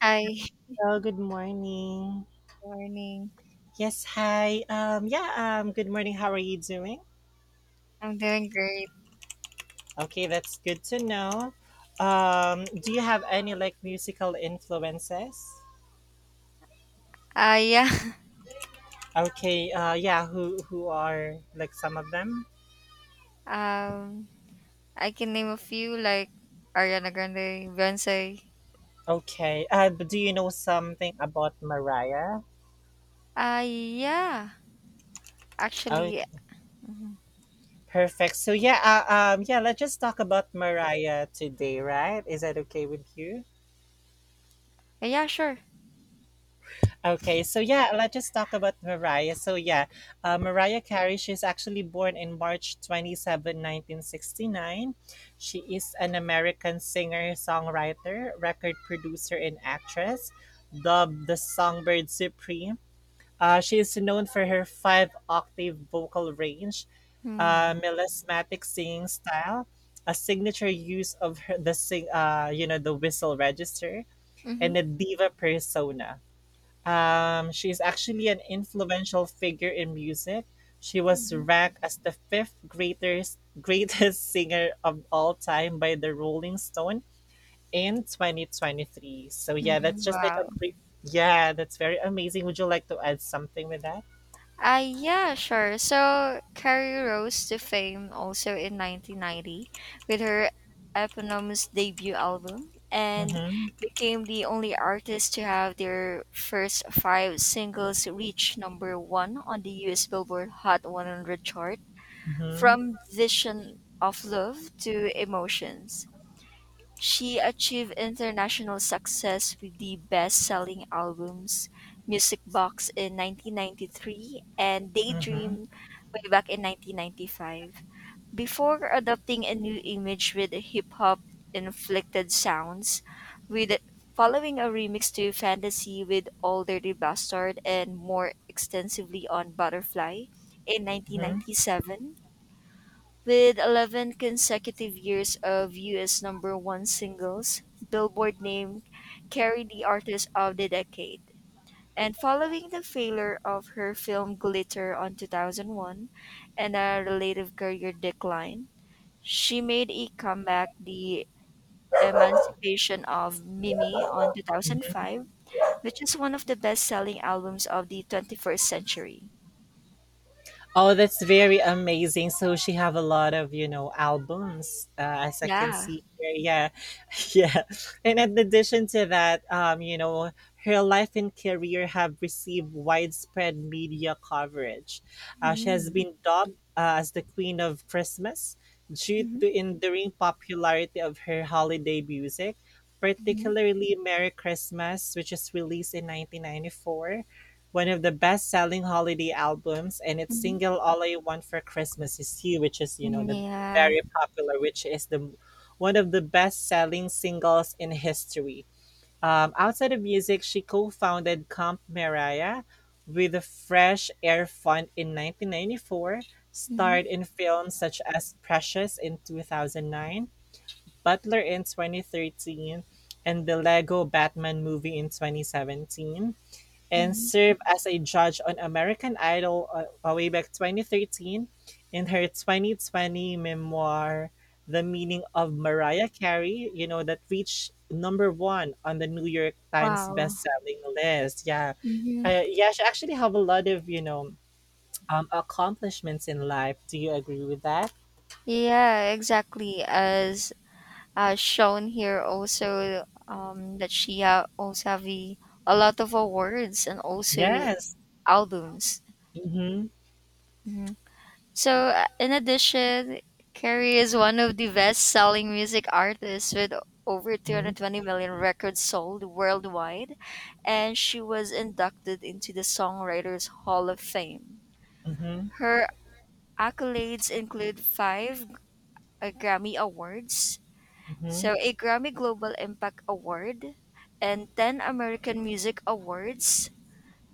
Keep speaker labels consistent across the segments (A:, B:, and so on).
A: Hi,
B: Oh, good morning.
A: morning.
B: Yes, hi. Yeah, good morning. How are you doing?
A: I'm doing great.
B: Okay, that's good to know. Do you have any like musical influences?
A: Yeah.
B: Okay, yeah, who are like some of them?
A: Um I can name a few like Ariana Grande, Beyonce.
B: Okay. But do you know something about Mariah?
A: Yeah. Actually,
B: Okay,
A: mhm.
B: perfect. So yeah, yeah, let's just talk about Mariah today, right? Is that okay with you?
A: Yeah, sure.
B: Okay, so yeah, let's just talk about Mariah. So yeah, Mariah Carey, she's actually born in March 27, 1969. She is an American singer, songwriter, record producer, and actress, dubbed the Songbird Supreme. She is known for her five-octave vocal range,
A: Hmm.
B: melismatic singing style, a signature use of her, the sing, you know, the whistle register,
A: Mm-hmm.
B: and a diva persona. She's actually an influential figure in music. She was
A: Mm-hmm.
B: ranked as the fifth greatest singer of all time by the Rolling Stone in 2023. So yeah, that's
A: Mm-hmm.
B: just like
A: Wow.
B: a brief. Yeah, that's very amazing. Would you like to add something with that?
A: Yeah, sure. So, Carrie rose to fame also in 1990 with her eponymous debut album and
B: Mm-hmm.
A: became the only artist to have their first five singles reach number one on the US Billboard Hot 100 chart
B: Mm-hmm.
A: from Vision of Love to Emotions. She achieved international success with the best-selling albums "Music Box" in 1993 and
B: Mm-hmm.
A: "Daydream" way back in 1995. Before adopting a new image with hip-hop inflected sounds, with following a remix to "Fantasy" with All Dirty Bastard and more extensively on "Butterfly" in
B: Mm-hmm.
A: 1997. With 11 consecutive years of US number one singles, Billboard named Carrie the Artist of the Decade. And following the failure of her film Glitter on 2001 and a relative career decline, she made a comeback the Emancipation of Mimi on 2005, which is one of the best-selling albums of the 21st century.
B: Oh, that's very amazing. So she have a lot of albums, as I can
A: Yeah.
B: see here. Yeah. Yeah. And in addition to that, her life and career have received widespread media coverage. She has
A: Mm-hmm.
B: been dubbed as the Queen of Christmas due
A: Mm-hmm.
B: to enduring popularity of her holiday music,
A: Mm-hmm.
B: particularly Merry Christmas, which is released in 1994, one of the best-selling holiday albums, and its
A: Mm-hmm.
B: single "All I Want for Christmas Is You," which is,
A: Mm-hmm.
B: the
A: Yeah.
B: very popular, which is the one of the best-selling singles in history. Outside of music, she co-founded Camp Mariah with the Fresh Air Fund in 1994,
A: Mm-hmm.
B: starred in films such as Precious in 2009, Butler in 2013, and the Lego Batman movie in 2017, and
A: Mhm.
B: served as a judge on American Idol way back 2013. In her 2020 memoir, The Meaning of Mariah Carey, that reached number one on the New York Times
A: Wow.
B: best-selling list. Yeah.
A: Hmm.
B: Yeah, she actually have a lot of accomplishments in life. Do you agree with that?
A: Yeah, exactly. As shown here, also that also have a lot of awards and also
B: Yes.
A: albums.
B: Mm-hmm.
A: Mhm. So, in addition, Carrie is one of the best-selling music artists with over 220 million records sold worldwide, and she was inducted into the Songwriters Hall of Fame.
B: Mm-hmm.
A: Her accolades include five Grammy Awards.
B: Mm-hmm.
A: So, a Grammy Global Impact Award, and 10 American Music Awards,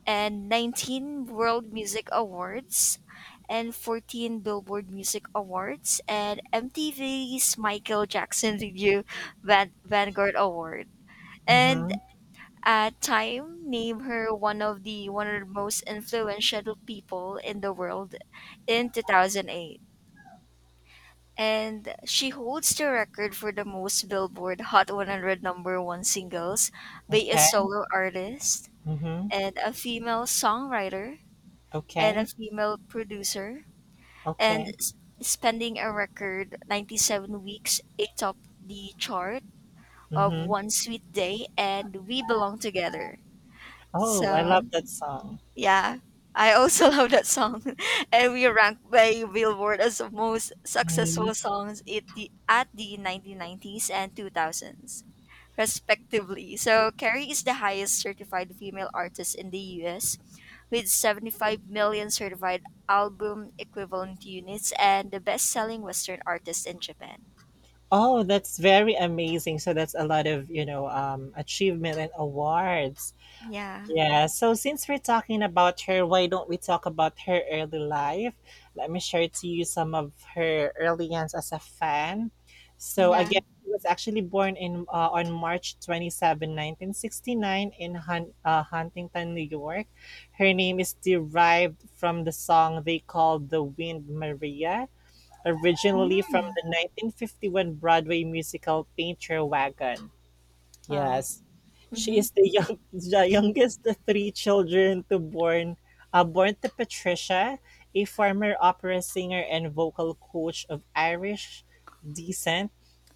A: and 19 World Music Awards, and 14 Billboard Music Awards, and MTV's Michael Jackson Video Vanguard Award. And
B: Mm-hmm.
A: at Time named her one of the most influential people in the world in 2008. And she holds the record for the most Billboard Hot 100 number one singles by a
B: Okay.
A: solo artist
B: Mm-hmm.
A: and a female songwriter and a
B: Okay.
A: female producer, and
B: Okay.
A: spending a record 97 weeks atop the chart of
B: Mm-hmm.
A: One Sweet Day and We Belong Together.
B: Oh, I
A: So
B: love that song.
A: yeah, I also love that song, and we ranked by Billboard as the most
B: Mhm.
A: successful songs at the 1990s and 2000s, respectively. So, Carrie is the highest certified female artist in the U.S. with 75 million certified album equivalent units, and the best-selling Western artist in Japan.
B: Oh, that's very amazing. So that's a lot of achievement and awards.
A: Yeah,
B: Yeah. So since we're talking about her, why don't we talk about her early life? Let me share to you some of her early years as a fan. So
A: yeah.
B: again, she was actually born in on March 27, 1969 in Huntington, New York. Her name is derived from the song they called The Wind Maria originally from
A: Mm.
B: the 1951 Broadway musical Painter Wagon.
A: Wow.
B: Yes, she
A: Mm-hmm.
B: is the youngest of three children to born born to Patricia, a former opera singer and vocal coach of Irish descent,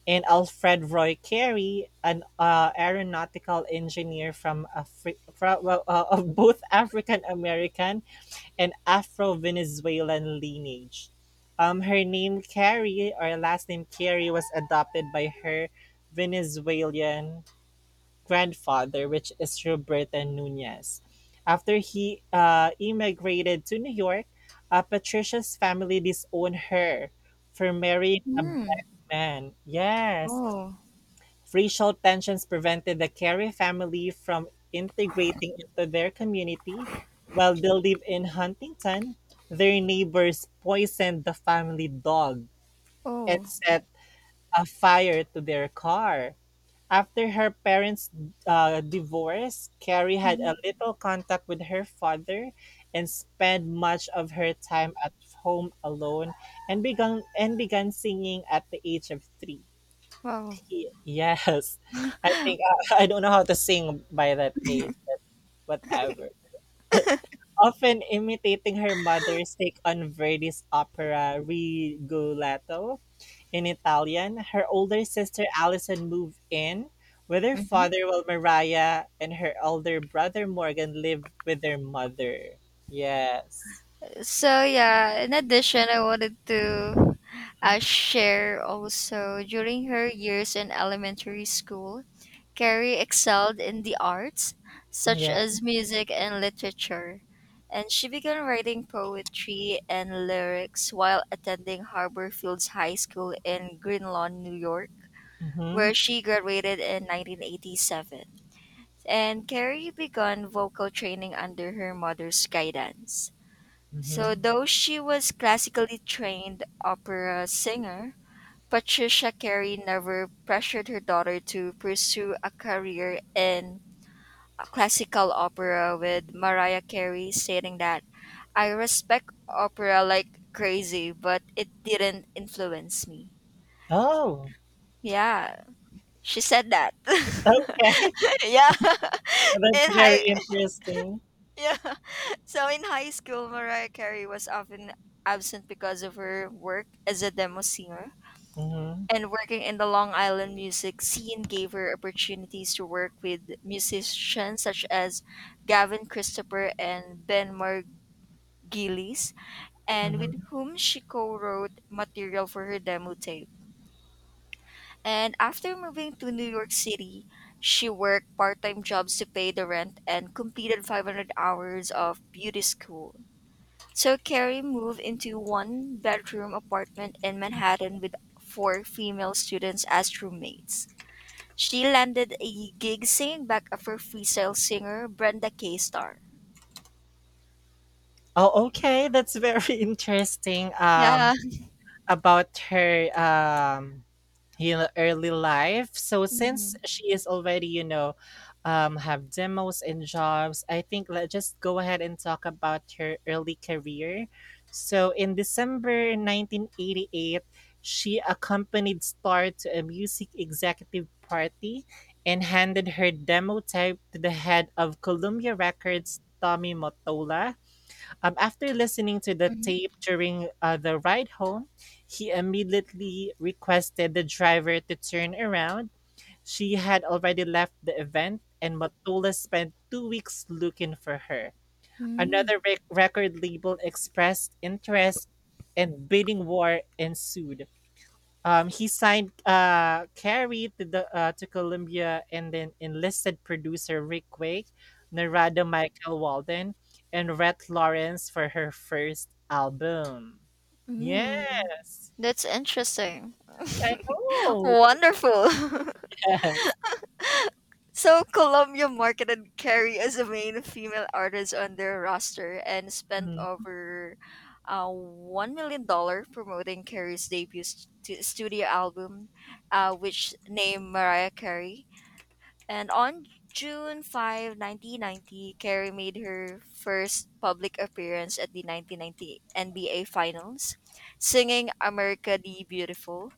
B: and Alfred Roy Carey, an aeronautical engineer from Afri- from, well, of both African American an Afro-Venezuelan lineage. Her name Carrie, or last name Carrie, was adopted by her Venezuelan grandfather, which is Roberta Nunez. After he immigrated to New York, Patricia's family disowned her for marrying a black
A: Mm.
B: man. Yes,
A: Oh.
B: racial tensions prevented the Carey family from integrating into their community. While they lived in Huntington, their neighbors poisoned the family dog and
A: Oh.
B: set a fire to their car. After her parents' divorce, Carrie had
A: Mhm.
B: a little contact with her father and spent much of her time at home alone and began singing at the age of 3.
A: Wow.
B: Yes, I think I don't know how to sing by that age, but whatever. But often imitating her mother's take on Verdi's opera Rigoletto in Italian, her older sister Allison moved in with her
A: Mm-hmm.
B: father while Mariah and her elder brother Morgan lived with their mother. Yes.
A: So yeah, in addition, I wanted to share also during her years in elementary school, Carrie excelled in the arts such
B: Yeah.
A: as music and literature, and she began writing poetry and lyrics while attending Harborfields High School in Greenlawn, New York,
B: Mm-hmm.
A: where she graduated in 1987. And Carrie began vocal training under her mother's guidance. So,
B: Mm-hmm.
A: though she was classically trained opera singer, Patricia Carey never pressured her daughter to pursue a career in classical opera, with Mariah Carey stating that I respect opera like crazy, but it didn't influence me.
B: Oh,
A: Yeah, she said that.
B: okay.
A: Yeah,
B: That's
A: in
B: very
A: high
B: interesting.
A: yeah. So in high school, Mariah Carey was often absent because of her work as a demo singer.
B: Mm-hmm.
A: And working in the Long Island music scene gave her opportunities to work with musicians such as Gavin Christopher and Ben Margulies, and with
B: Mm-hmm.
A: whom she co-wrote material for her demo tape. And after moving to New York City, she worked part-time jobs to pay the rent and completed 500 hours of beauty school. So Carrie moved into one bedroom apartment in Manhattan with four female students as roommates. She landed a gig singing backup for freestyle singer Brenda K. Star.
B: Oh, okay. That's very interesting. Um,
A: Yeah.
B: about her, um, you know, early life. So since
A: Mm-hmm.
B: she is already have demos and jobs, I think let's just go ahead and talk about her early career. So in December 1988, she accompanied Star to a music executive party and handed her demo tape to the head of Columbia Records, Tommy Mottola. After listening to the
A: Mm-hmm.
B: tape during the ride home, he immediately requested the driver to turn around. She had already left the event, and Matula spent 2 weeks looking for her.
A: Mm,
B: Another record label expressed interest, and bidding war ensued. He signed Carrie to Columbia and then enlisted producer Rick Wake, Narada Michael Walden, and Rhett Lawrence for her first album.
A: mm.
B: Yes,
A: That's interesting.
B: Yeah, I know.
A: Wonderful.
B: Yes.
A: So Columbia marketed Carrie as a main female artist on their roster and spent over $1 million promoting Carrie's debut studio album, which named Mariah Carey. And on June 5, 1990, Carey made her first public appearance at the 1990 NBA Finals, singing America the Beautiful.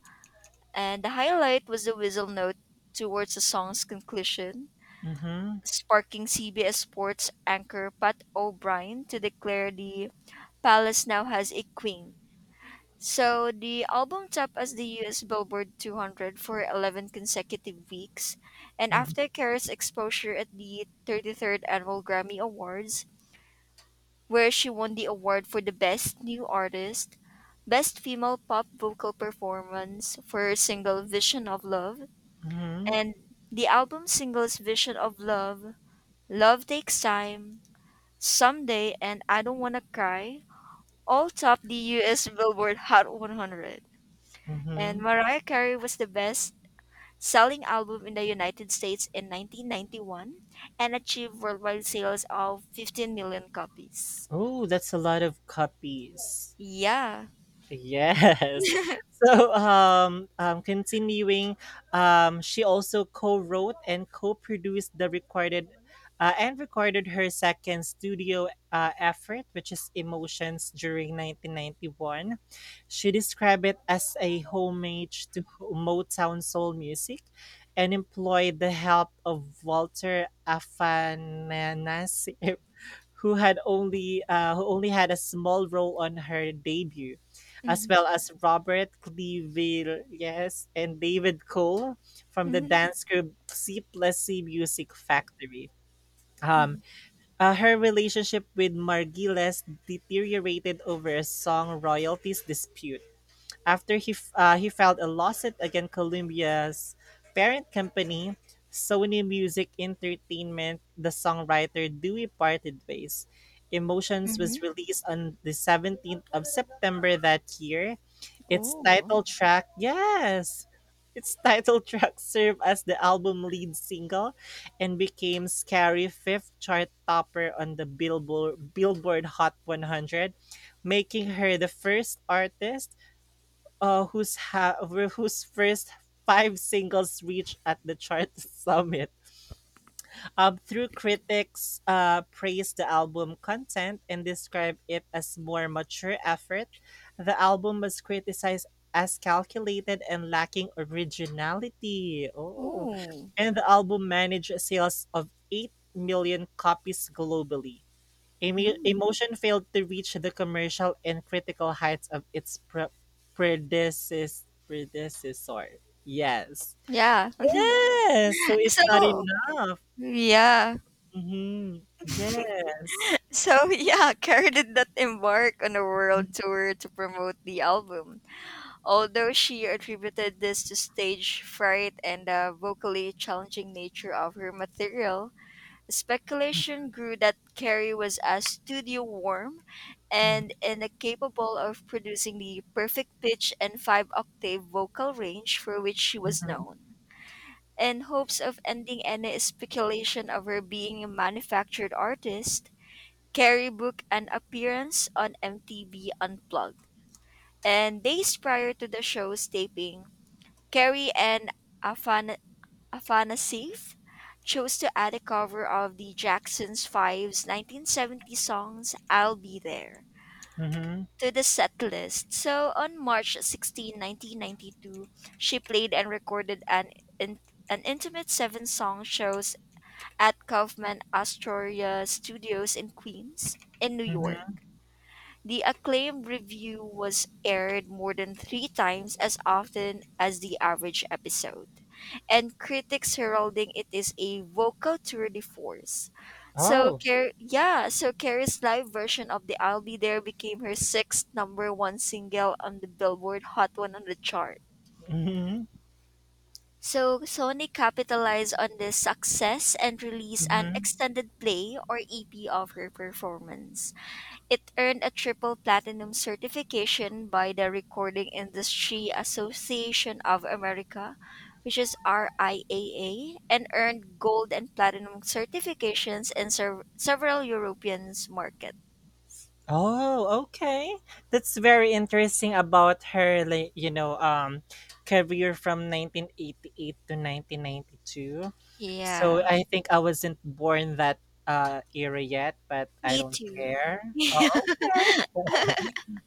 A: And the highlight was the whistle note towards the song's conclusion,
B: Mm-hmm.
A: sparking CBS Sports anchor Pat O'Brien to declare the Palace now has a queen. So the album topped as the US Billboard 200 for 11 consecutive weeks, and
B: Mm-hmm.
A: after Kara's exposure at the 33rd Annual Grammy Awards, where she won the award for the Best New Artist, Best Female Pop Vocal Performance for her single Vision of Love, and the album singles Vision of Love, Love Takes Time, Someday, and I Don't Wanna Cry all topped the US Billboard Hot 100. And
B: Mm-hmm.
A: Mariah Carey was the best selling album in the United States in 1991 and achieved worldwide sales of 15 million copies.
B: Oh, that's a lot of copies.
A: Yeah.
B: Yes. So, continuing, she also co-wrote and co-produced and recorded her second studio effort, which is Emotions during 1991. She described it as a homage to Motown soul music, and employed the help of Walter Afanasieff who only had a small role on her debut, as
A: Mhm.
B: well as Robert Cleville, yes, and David Cole from the
A: Mhm.
B: dance group C plus C Music Factory. Um,
A: Mhm.
B: Her relationship with Margiles deteriorated over a song royalties dispute after he filed a lawsuit against Columbia's parent company, Sony Music Entertainment. The songwriter Dewey parted ways. Emotions
A: Mhm.
B: was released on the 17th of September that year. Its
A: Oh.
B: title track served as the album lead single and became Scary fifth chart topper on the Billboard Hot 100, making her the first artist whose first five singles reached at the chart summit. Through critics praised the album content and described it as more mature effort. The album was criticized as calculated and lacking originality. Oh,
A: Oh.
B: and the album managed sales of 8 million copies globally. Emo-
A: Mm.
B: Emotion failed to reach the commercial and critical heights of its predecessor. Yes.
A: Yeah.
B: Yes. So it's not
A: So,
B: enough.
A: yeah.
B: Mm-hmm. Yes.
A: So, yeah, Carey did not embark on a world tour to promote the album, although she attributed this to stage fright and the vocally challenging nature of her material. Speculation grew that Carey was a studio worm and
B: Mm-hmm.
A: incapable of producing the perfect pitch and five octave vocal range for which she was
B: Mm-hmm.
A: known. In hopes of ending any speculation of her being a manufactured artist, Carey booked an appearance on MTV Unplugged. And days prior to the show's taping, Carey and Afan Afanasieff chose to add a cover of the Jackson Five's 1970 song "I'll Be There"
B: Mm-hmm.
A: to the setlist, so on March 16, 1992, she played and recorded in- an intimate seven-song shows at Kaufman Astoria Studios in Queens, in New York.
B: Mm-hmm.
A: The acclaimed review was aired more than three times as often as the average episode, and critics heralding it as a vocal tour de force. So,
B: Oh.
A: Yeah, so Carrie's live version of the I'll Be There became her sixth number one single on the Billboard Hot 100 chart.
B: Mm-hmm.
A: So, Sony capitalized on this success and released an
B: Mm-hmm.
A: extended play or EP of her performance. It earned a triple platinum certification by the Recording Industry Association of America, which is RIAA, and earned gold and platinum certifications in several European markets.
B: Oh, okay. That's very interesting about her, like career from 1988 to 1992. So
A: Yeah,
B: I think I wasn't born that era yet, but I
A: me
B: don't
A: too.
B: care.
A: Yeah.
B: Oh, okay.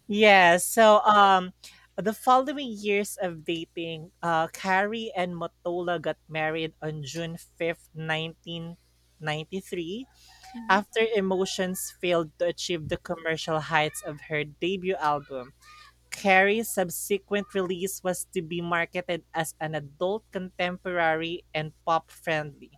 B: Yeah, so the following years of dating, Carrie and Motola got married on June 5th, 1993.
A: Mhm,
B: After Emotions failed to achieve the commercial heights of her debut album, Carey's subsequent release was to be marketed as an adult contemporary and pop friendly.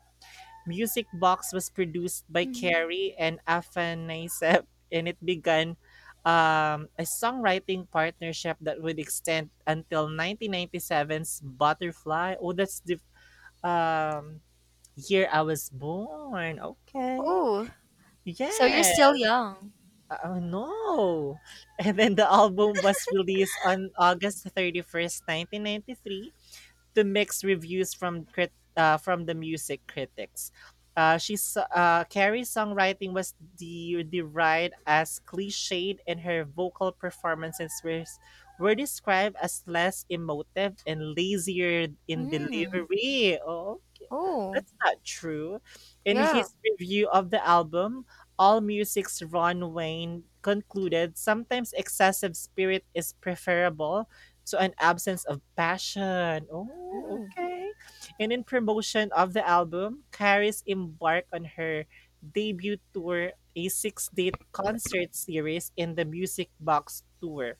B: Music Box was produced by
A: mhm.
B: Carey and Afanasieff, and it began a songwriting partnership that would extend until 1997's Butterfly. Oh, that's the um, year I was born. Okay.
A: Oh, so you're
B: Yeah.
A: still young.
B: No. And then the album was released on August 31st 1993 to mixed reviews from from the music critics. She's Carrie's songwriting was derided as cliched, and her vocal performances were described as less emotive and lazier in
A: Mm.
B: delivery. Oh, okay.
A: Oh,
B: That's not true. In
A: yeah.
B: his review of the album, All Music's Ron Wayne concluded sometimes excessive spirit is preferable to an absence of passion. Oh,
A: Mm.
B: okay. And in promotion of the album, Caris embarked on her debut tour, a six-date concert series in the Music Box Tour.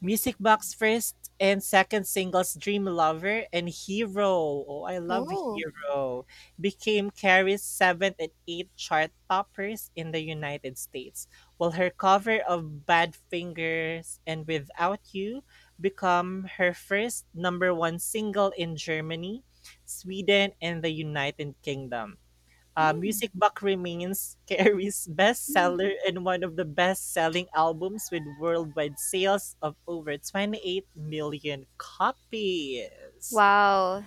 B: Music Box first and second singles Dream Lover and Hero. Oh, I love
A: Oh,
B: Hero. Became Carrie's seventh and eighth chart toppers in the United States. While her cover of Bad Fingers and Without You become her first number one single in Germany, Sweden, and the United Kingdom.
A: mm.
B: Music Box remains Carey's
A: Mm.
B: bestseller and one of the best-selling albums with worldwide sales of over 28 million copies.
A: Wow,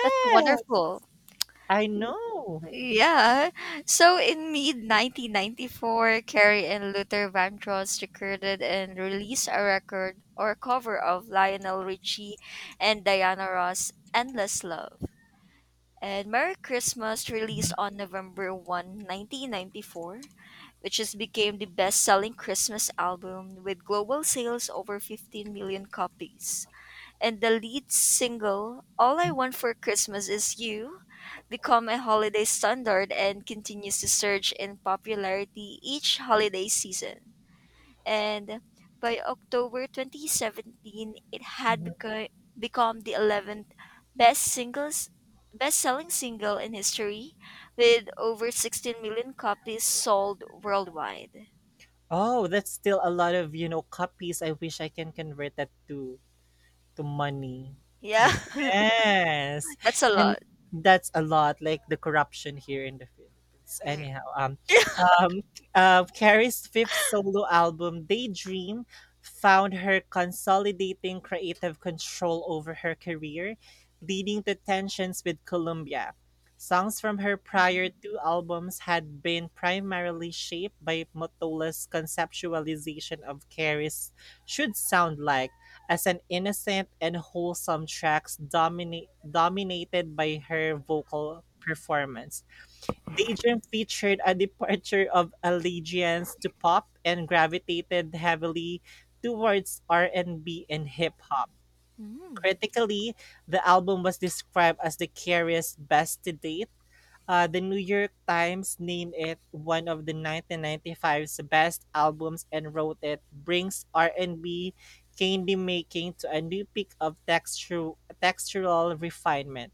A: that's wonderful.
B: I know.
A: Yeah. So in mid 1994, Carrie and Luther Vandross recorded and released a record or cover of Lionel Richie and Diana Ross' Endless Love. And Merry Christmas released on November 1, 1994, which has became the best-selling Christmas album with global sales over 15 million copies and the lead single "All I Want for Christmas Is You" become a holiday standard and continues to surge in popularity each holiday season. And by October 2017, it had become the 11th best singles best-selling single in history with over 16 million copies sold worldwide.
B: Oh, that's still a lot of copies. I wish I can convert that to money.
A: Yeah,
B: Yes.
A: that's a
B: And
A: lot.
B: that's a lot, like the corruption here in the Philippines. Anyhow, um, Carrie's fifth solo album, Daydream, found her consolidating creative control over her career, leading to tensions with Columbia. Songs from her
A: Mhm.
B: prior two albums had been primarily shaped by Motola's conceptualization of Carrie's should sound like as an innocent and wholesome tracks dominated by her vocal performance. Daydream featured a departure of allegiance to pop and gravitated heavily towards R&B and B and hip hop.
A: Mm.
B: Critically, the album was described as the Carrier's best to date. The New York Times named it one of the 1995's best albums and wrote it brings R&B candy making to a new peak of textural refinement.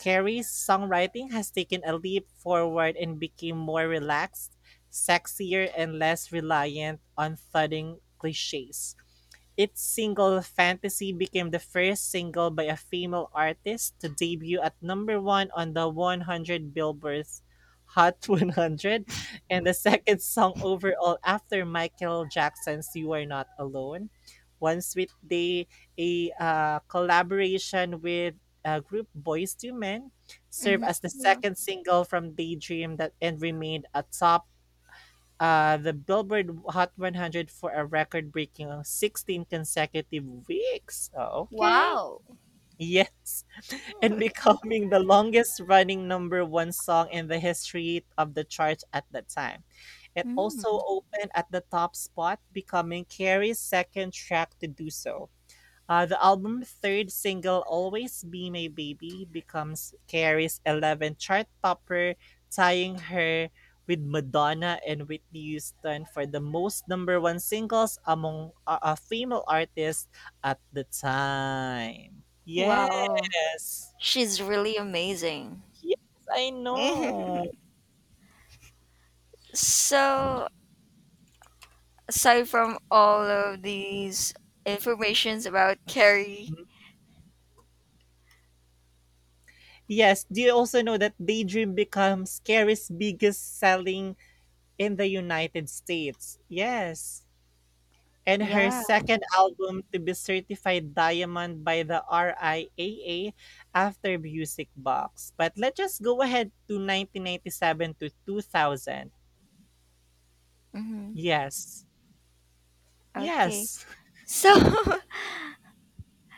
B: Carey's songwriting has taken a leap forward and became more relaxed, sexier, and less reliant on thudding cliches. Its single "Fantasy" became the first single by a female artist to debut at number one on the 100 Billboard's Hot 100, and the second song overall after Michael Jackson's "You Are Not Alone." One Sweet Day, a collaboration with group Boys to Men, served as the
A: Hmm.
B: second single from Daydream that and remained a top the Billboard Hot 100 for a record-breaking 16 consecutive weeks. Oh, okay.
A: Wow.
B: Yes, and becoming the longest-running number one song in the history of the chart at that time. It also
A: Mm.
B: opened at the top spot, becoming Carey's second track to do so. The album's third single, "Always Be My Baby," becomes Carrie's 11th chart topper, tying her with Madonna and Whitney Houston for the most number one singles among female artists at the time.
A: Wow,
B: Yes.
A: she's really amazing.
B: Yes, I know.
A: So, aside from all of these informations about Carrie,
B: Yes, do you also know that Daydream becomes Carrie's biggest selling in the United States? Yes, and her
A: yeah,
B: second album to be certified diamond by the RIAA after Music Box. But let's just go ahead to 1997 to 2000.
A: hmm,
B: Yes.
A: okay.
B: Yes.
A: So,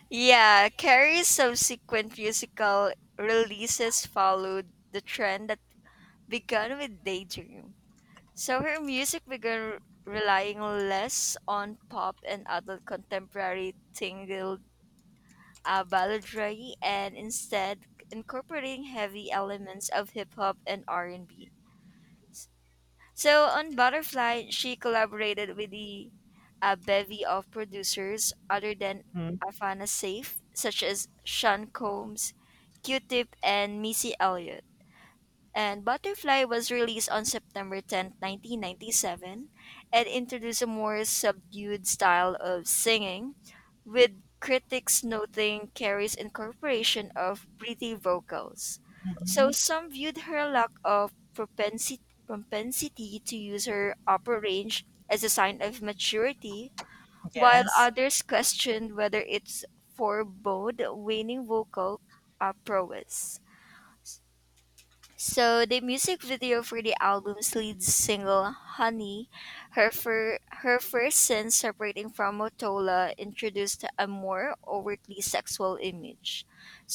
A: yeah, Carrie's subsequent musical releases followed the trend that began with Daydream. So, her music began relying less on pop and adult contemporary tingled balladry and instead incorporating heavy elements of hip hop and R&B. So on Butterfly, she collaborated with the a bevy of producers other than
B: Mhm.
A: Afana Safe, such as Sean Combs, Q-Tip, and Missy Elliott and Butterfly was released on September 10, nineteen 1997, and introduced a more subdued style of singing, with critics noting Carrie's incorporation of pretty vocals. So some viewed her lack of propensity to use her upper range as a sign of maturity, while
B: Yes.
A: others questioned whether it's forebode waning vocal prowess. So the music video for the album's lead single "Honey," her fir- her first since separating from Motola, introduced a more overtly sexual image.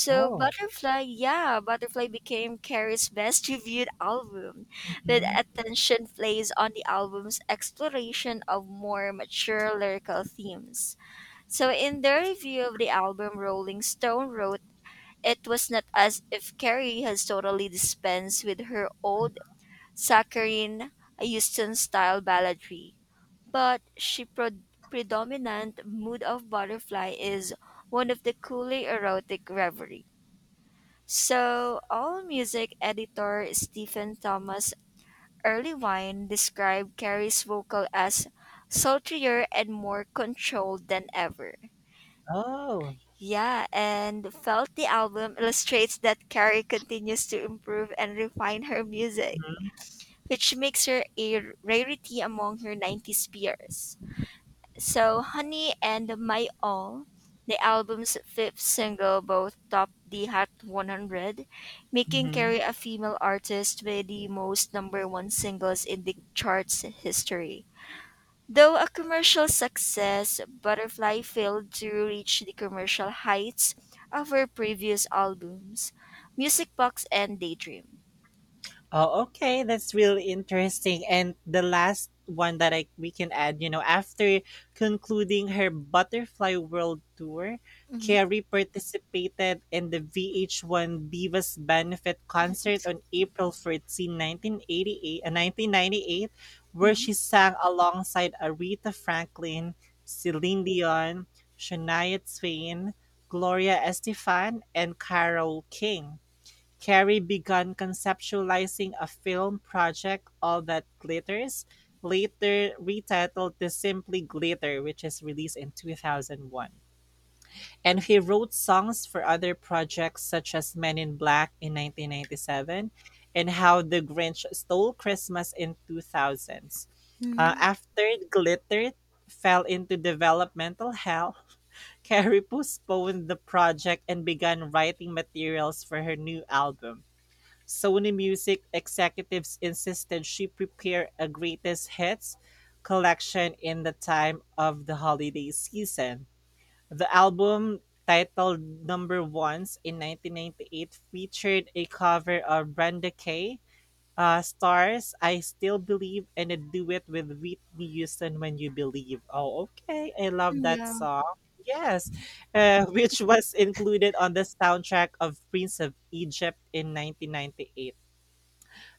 A: So
B: Oh.
A: "Butterfly," yeah, "Butterfly" became Carrie's best reviewed album. With
B: Mhm.
A: attention plays on the album's exploration of more mature lyrical themes. So in their review of the album, Rolling Stone wrote it was not as if Carrie has totally dispensed with her old saccharine Houston style balladry, but she predominant mood of butterfly is one of the coolly erotic reverie. So all music editor Stephen Thomas Early described Carrie's vocal as sultrier and more controlled than ever.
B: Oh.
A: Yeah, and felt the album illustrates that Carrie continues to improve and refine her music,
B: Mhm.
A: which makes her a rarity among her 90s peers. So, Honey and My All, the album's fifth single, both topped the Hot 100, making
B: Mhm.
A: Carrie a female artist with the most number one singles in the chart's history. Though a commercial success, Butterfly failed to reach the commercial heights of her previous albums, Music Box and Daydream.
B: Oh, okay, that's really interesting. And the last one that I we can add, you know, after concluding her Butterfly World Tour,
A: Hmm.
B: Carrie participated in the VH1 Divas Benefit concert on April 14, 1988, uh, 1998, where
A: Hmm.
B: she sang alongside Aretha Franklin, Celine Dion, Shania Twain, Gloria Estefan, and Carole King. Carey began conceptualizing a film project, "All That Glitters", later retitled to simply "Glitter", which is released in 2001. And he wrote songs for other projects such as Men in Black in 1997 and How the Grinch Stole Christmas in 2000s. Uh,
A: Hmm.
B: after Glitter fell into developmental hell, Carey postponed the project and began writing materials for her new album. Sony Music executives insisted she prepare a greatest hits collection in the time of the holiday season. The album, titled Number Ones in 1998, featured a cover of Brenda Kay, Stars, I Still Believe, and a duet with Whitney Houston, When You Believe. Oh, okay. I love that
A: Yeah.
B: song. Yes, which was included on the soundtrack of Prince of Egypt in 1998.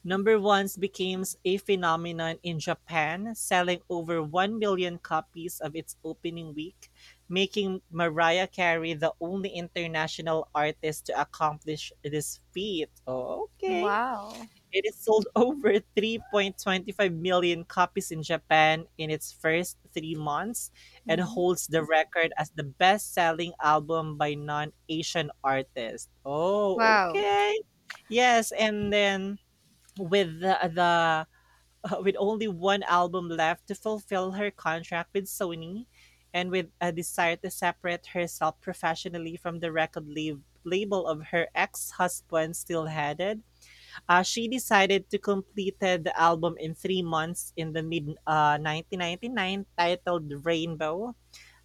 B: Number Ones became a phenomenon in Japan, selling over 1 million copies of its opening week, making Mariah Carey the only international artist to accomplish this feat. Oh, okay.
A: Wow.
B: It is sold over 3.25 million copies in Japan in its first 3 months and
A: Hmm.
B: holds the record as the best selling album by non Asian artist. Oh,
A: Wow.
B: okay. Yes, and then with the with only one album left to fulfill her contract with Sony and with a desire to separate herself professionally from the record label of her ex-husband still headed she decided to complete the album in 3 months in the mid 1999, titled Rainbow.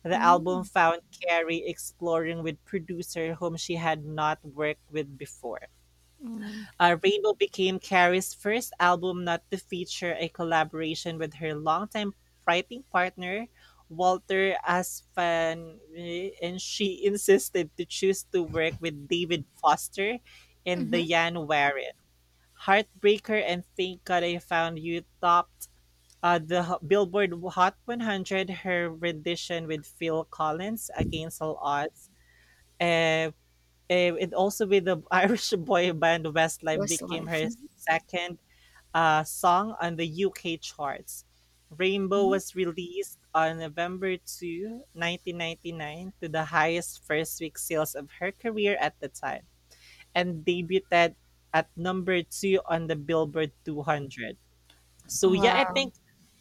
B: The album
A: Mm.
B: found Carrie exploring with producer whom she had not worked with before.
A: Hmm.
B: Rainbow became Carrie's first album not to feature a collaboration with her longtime writing partner, Walter Asfan, and she insisted to choose to work with David Foster and
A: Hmm.
B: Diane Warren. Heartbreaker and Thank God I Found You topped Billboard Hot 100, her rendition with Phil Collins, Against All Odds. Uh, and also with the Irish boy band Westlife
A: Was
B: became
A: life.
B: her second song on the UK charts. Rainbow
A: Mhm.
B: was released on November 2, 1999 to the highest first week sales of her career at the time and debuted at number 2 on the Billboard 200. So yeah, I
A: Wow.
B: think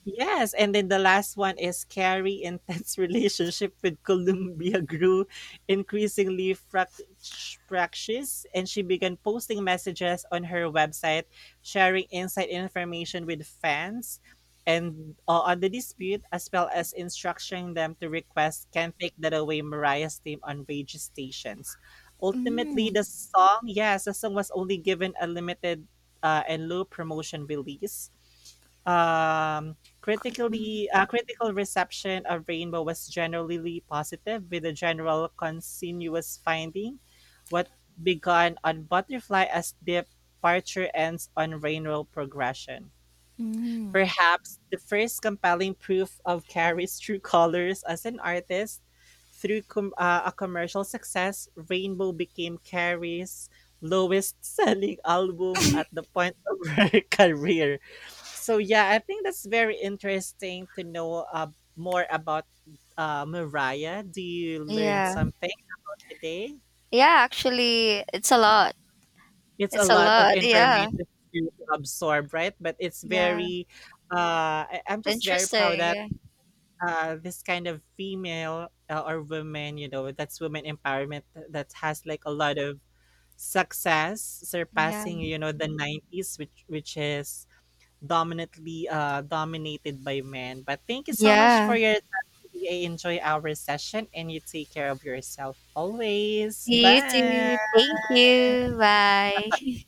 B: yes. And then the last one is Carrie' intense relationship with Columbia grew increasingly fractious, and she began posting messages on her website, sharing inside information with fans. And on the dispute, as well as instructing them to request "Can't Take That Away" Mariah's theme on radio stations. Ultimately,
A: Mm,
B: the song, yes, the song was only given a limited and low promotion release. um
A: mm,
B: critically uh, critical reception of Rainbow was generally positive, with a general continuous finding what began on Butterfly as departure ends on Rainbow progression,
A: mm.
B: perhaps the first compelling proof of Carrie's true colors as an artist. A commercial success, Rainbow became Carrie's lowest selling album at the point of her career. So yeah, I think that's very interesting to know more about Mariah. Do you learn
A: Yeah.
B: something today?
A: Yeah, actually, it's a lot.
B: It's a
A: It's a
B: lot of
A: lot. Yeah.
B: information to absorb, right? But it's
A: Yeah.
B: I'm just very proud that
A: Interesting.
B: this kind of female or women, you know, that's women empowerment that has like a lot of success
A: Yeah.
B: surpassing
A: Yeah.
B: you know the 90s which is dominated by men. But thank you so much for
A: Yeah.
B: your time today. I enjoy our session and you take care of yourself always.
A: You
B: Bye.
A: too. Thank you. Bye.